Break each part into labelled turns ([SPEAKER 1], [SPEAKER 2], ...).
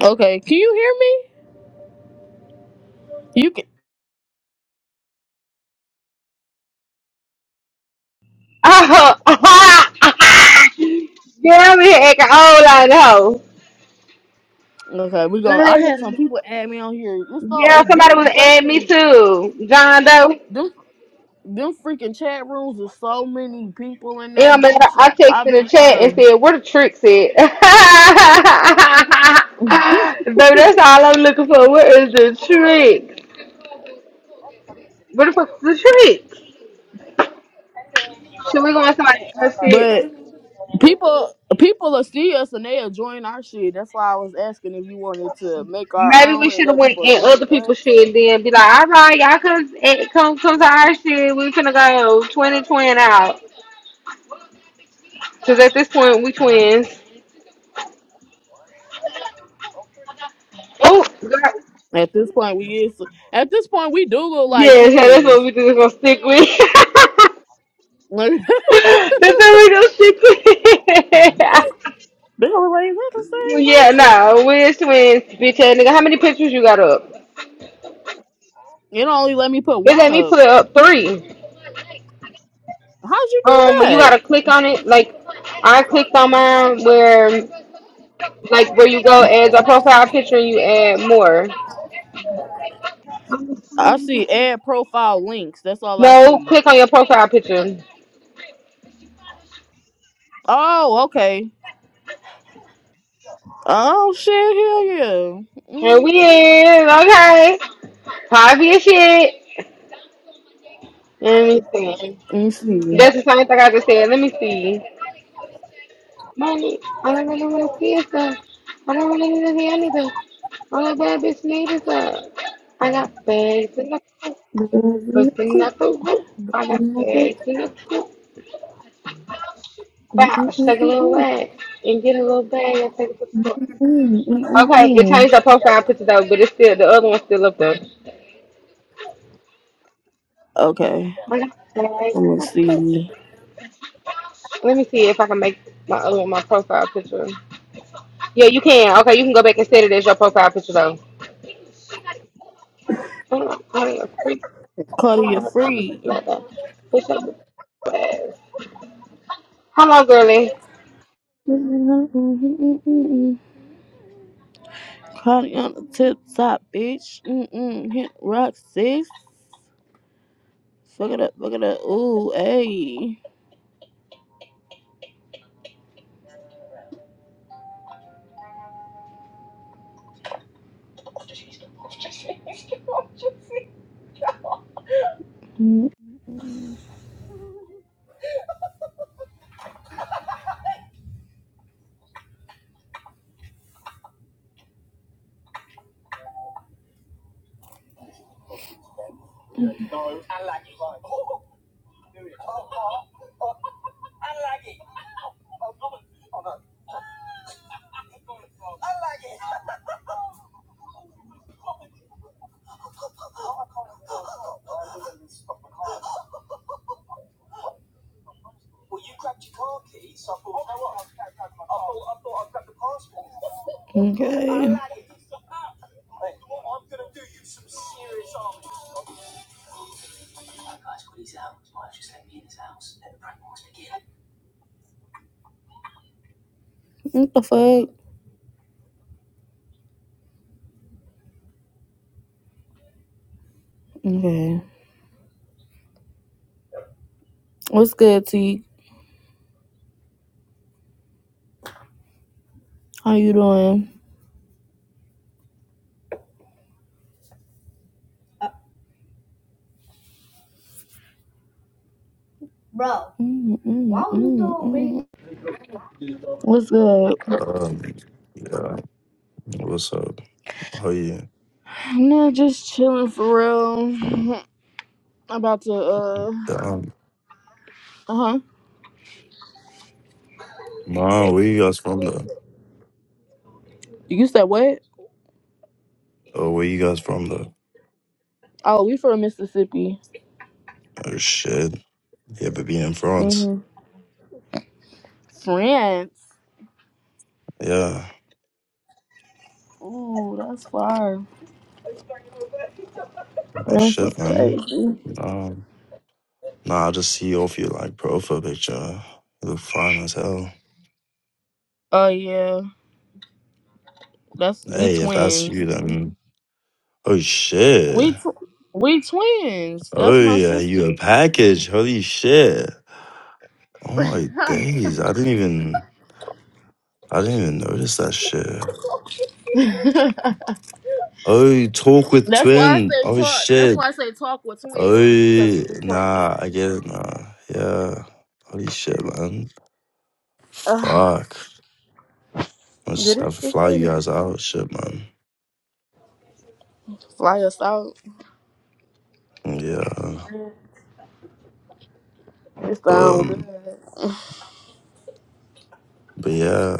[SPEAKER 1] Okay, can you hear me? You can.
[SPEAKER 2] Oh, yeah, we had a whole lot of hoes.
[SPEAKER 1] Okay, we going. to I had some
[SPEAKER 2] Honey.
[SPEAKER 1] people add me on here. This phone,
[SPEAKER 2] Yeah,
[SPEAKER 1] it
[SPEAKER 2] somebody
[SPEAKER 1] them
[SPEAKER 2] was adding me
[SPEAKER 1] fucking
[SPEAKER 2] too. John Doe.
[SPEAKER 1] them them freaking chat rooms with so many people in
[SPEAKER 2] It
[SPEAKER 1] that
[SPEAKER 2] don't matter.
[SPEAKER 1] bitch.
[SPEAKER 2] I texted
[SPEAKER 1] I've
[SPEAKER 2] in the
[SPEAKER 1] been
[SPEAKER 2] chat and
[SPEAKER 1] trying
[SPEAKER 2] said, "Where the tricks at?" Baby, that's all I'm looking for. Where is the trick? Where the fuck's the trick? Should we go on somebody
[SPEAKER 1] to.
[SPEAKER 2] else's shit?
[SPEAKER 1] But people people will see us and they'll join our shit. That's why I was asking if you wanted to make our
[SPEAKER 2] Maybe we
[SPEAKER 1] own and
[SPEAKER 2] should have
[SPEAKER 1] let
[SPEAKER 2] went
[SPEAKER 1] people
[SPEAKER 2] in
[SPEAKER 1] join
[SPEAKER 2] other
[SPEAKER 1] us.
[SPEAKER 2] people's shit and then be like, "All right, y'all come eh, come come to our shit. We finna go twenty twenty out." Because at this point, we twins. Oh, God.
[SPEAKER 1] At this point, we is at this point we do look
[SPEAKER 2] Yeah,
[SPEAKER 1] like
[SPEAKER 2] so that's what
[SPEAKER 1] twins.
[SPEAKER 2] we just gonna stick with.
[SPEAKER 1] Like
[SPEAKER 2] that's what we gonna stick with.
[SPEAKER 1] they look like is that the same
[SPEAKER 2] yeah,
[SPEAKER 1] person?
[SPEAKER 2] no, we're twins, bitch ass nigga. How many pictures you got up?
[SPEAKER 1] It only let me put
[SPEAKER 2] They
[SPEAKER 1] one
[SPEAKER 2] let me
[SPEAKER 1] up.
[SPEAKER 2] put up three.
[SPEAKER 1] How'd you do
[SPEAKER 2] Um, you
[SPEAKER 1] that?
[SPEAKER 2] gotta click on it. Like, I clicked on mine where, like, where you go as a profile picture and you add more.
[SPEAKER 1] I see add profile links. That's all I
[SPEAKER 2] No,
[SPEAKER 1] see.
[SPEAKER 2] click on your profile picture.
[SPEAKER 1] Oh, okay. Oh shit, hell yeah.
[SPEAKER 2] And we
[SPEAKER 1] Mm-hmm.
[SPEAKER 2] in, okay. Probably as shit. Let me see.
[SPEAKER 1] Let me see.
[SPEAKER 2] That's the same thing I just said. Let me see. Yes, sir. I don't want anything to hear anything. All that bad bitch need is a bag. Pussing up the roof. I got bags in the coop. Wow, Take a little wag and get a little bag and take it to the store. Okay, it changed the profile picture though, but it's still the other one's still up there.
[SPEAKER 1] Okay.
[SPEAKER 2] I got bags
[SPEAKER 1] Let
[SPEAKER 2] in
[SPEAKER 1] me
[SPEAKER 2] the coop.
[SPEAKER 1] see.
[SPEAKER 2] Let me see if I can make my other one my profile picture. Yeah, you can. Okay, you can go back and set it as your profile picture though. I'm not calling a freak.
[SPEAKER 1] Claudia
[SPEAKER 2] Oh, I'm
[SPEAKER 1] free.
[SPEAKER 2] not a bitch. I'm a bad Come on, girly.
[SPEAKER 1] Claudia on the tip top, bitch. Mm-mm. Hit rock six. Fuck it up, fuck it up. Ooh, hey. Mm, Okay. What the fuck? Okay. What's good, T? How you doing? Mm, mm, mm, mm. What's good?
[SPEAKER 3] Um, yeah, what's up? Oh yeah,
[SPEAKER 1] Nah, just chilling for real. About to uh
[SPEAKER 3] um,
[SPEAKER 1] uh huh.
[SPEAKER 3] Ma, where you guys from though?
[SPEAKER 1] You said what?
[SPEAKER 3] Oh, where you guys from though?
[SPEAKER 1] Oh, we from Mississippi.
[SPEAKER 3] Oh shit, Yeah, but being in France?
[SPEAKER 1] hmm France.
[SPEAKER 3] Yeah,
[SPEAKER 1] Ooh, that's far.
[SPEAKER 3] oh
[SPEAKER 1] France
[SPEAKER 3] shit,
[SPEAKER 1] is
[SPEAKER 3] man.
[SPEAKER 1] crazy.
[SPEAKER 3] Um, nah, I just see off your like profile picture. You look fine as hell.
[SPEAKER 1] Oh yeah, that's we
[SPEAKER 3] Hey, if that's
[SPEAKER 1] twins.
[SPEAKER 3] you, then oh shit.
[SPEAKER 1] We tw- we twins. That's
[SPEAKER 3] Oh
[SPEAKER 1] my
[SPEAKER 3] yeah, you a
[SPEAKER 1] sister.
[SPEAKER 3] package? Holy shit! Oh my days, I didn't even, I didn't even notice that shit. Oh, talk with
[SPEAKER 1] That's why I
[SPEAKER 3] twin.
[SPEAKER 1] say
[SPEAKER 3] Oh
[SPEAKER 1] talk. That's
[SPEAKER 3] shit.
[SPEAKER 1] why I say talk with twins because
[SPEAKER 3] Oh,
[SPEAKER 1] we twins.
[SPEAKER 3] nah, I get it, nah. Yeah. Holy shit, man.
[SPEAKER 1] Uh,
[SPEAKER 3] Fuck. I was
[SPEAKER 1] did
[SPEAKER 3] just have
[SPEAKER 1] it
[SPEAKER 3] to fly you
[SPEAKER 1] freaking
[SPEAKER 3] guys out, shit, man.
[SPEAKER 1] fly us out?
[SPEAKER 3] Yeah.
[SPEAKER 1] It sound good.
[SPEAKER 3] Um, but yeah.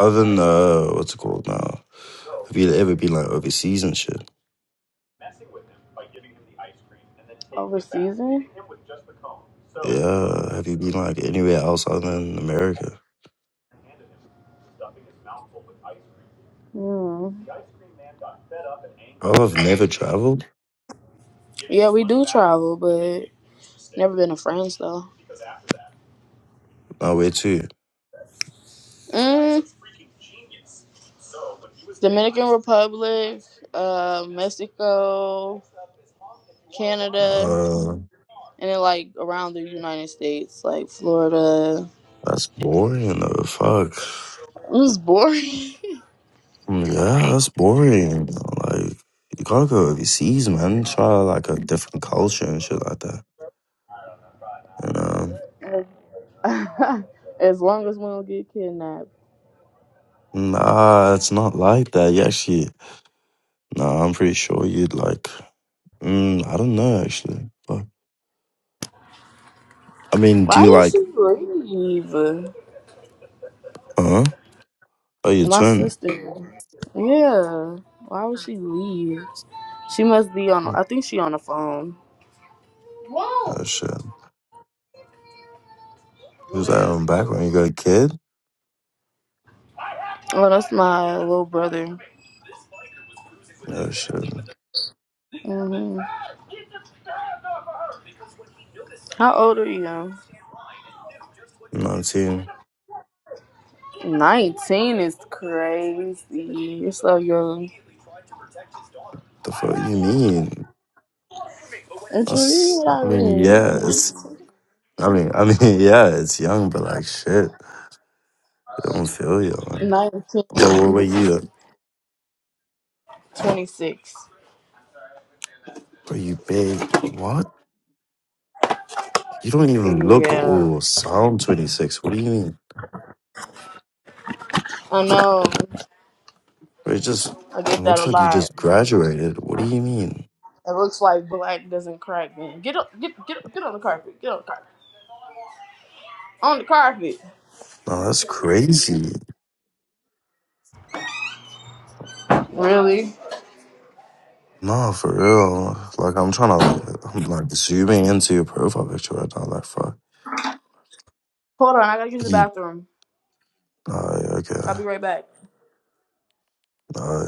[SPEAKER 3] Other than, uh, what's it called now? Have you ever been, like, overseas and shit?
[SPEAKER 1] Over season?
[SPEAKER 3] Yeah. Have you been, like, anywhere else other than America?
[SPEAKER 1] Mm.
[SPEAKER 3] Oh, I've never traveled.
[SPEAKER 1] Yeah, we do travel, but never been to France though.
[SPEAKER 3] No, where to?
[SPEAKER 1] Mm, Dominican Republic, uh, Mexico, Canada,
[SPEAKER 3] Uh,
[SPEAKER 1] and then like around the United States, like Florida.
[SPEAKER 3] that's boring, though. Fuck.
[SPEAKER 1] It was boring.
[SPEAKER 3] Yeah, that's boring. Like you gotta go overseas, man. Try like a different culture and shit like that. You know?
[SPEAKER 1] as as long as we don't get kidnapped.
[SPEAKER 3] Nah, it's not like that. You actually, nah, I'm pretty sure you'd like. Mm, I don't know actually. Fuck. I mean, do
[SPEAKER 1] Why
[SPEAKER 3] you
[SPEAKER 1] did
[SPEAKER 3] like?
[SPEAKER 1] she leave?
[SPEAKER 3] Huh? Oh, your
[SPEAKER 1] My
[SPEAKER 3] twin.
[SPEAKER 1] sister. Yeah. Why would she leave? She must be on. I think she on the phone.
[SPEAKER 3] Oh shit. Who's that on background? You got a kid?
[SPEAKER 1] Oh, that's my little brother.
[SPEAKER 3] Oh shit.
[SPEAKER 1] hmm How old are you?
[SPEAKER 3] Nineteen.
[SPEAKER 1] Nineteen is crazy. You're so young.
[SPEAKER 3] The fuck you mean?
[SPEAKER 1] And you mean
[SPEAKER 3] That's.
[SPEAKER 1] what I
[SPEAKER 3] I mean, yeah,
[SPEAKER 1] mean?
[SPEAKER 3] it's. I mean, I mean, yeah, it's young, but like shit. I don't feel you. Man. But what
[SPEAKER 1] Nineteen
[SPEAKER 3] were
[SPEAKER 1] is
[SPEAKER 3] you? Like, Are
[SPEAKER 1] twenty-six.
[SPEAKER 3] you big. What? You don't even look
[SPEAKER 1] Yeah.
[SPEAKER 3] or sound 26. What do you mean?
[SPEAKER 1] I know.
[SPEAKER 3] it just
[SPEAKER 1] I get that a
[SPEAKER 3] looks like you
[SPEAKER 1] lot.
[SPEAKER 3] just graduated. What do you mean?
[SPEAKER 1] It looks like black doesn't crack. me. get up, get get get on the carpet. Get on the carpet. On the carpet.
[SPEAKER 3] No, that's crazy.
[SPEAKER 1] Really?
[SPEAKER 3] No, for real. Like, I'm trying to, like, I'm, like, zooming into your profile picture right now. Like, fuck.
[SPEAKER 1] Hold on, I gotta use
[SPEAKER 3] Like,
[SPEAKER 1] the
[SPEAKER 3] you,
[SPEAKER 1] bathroom.
[SPEAKER 3] uh,
[SPEAKER 1] I'll be right back.
[SPEAKER 3] okay.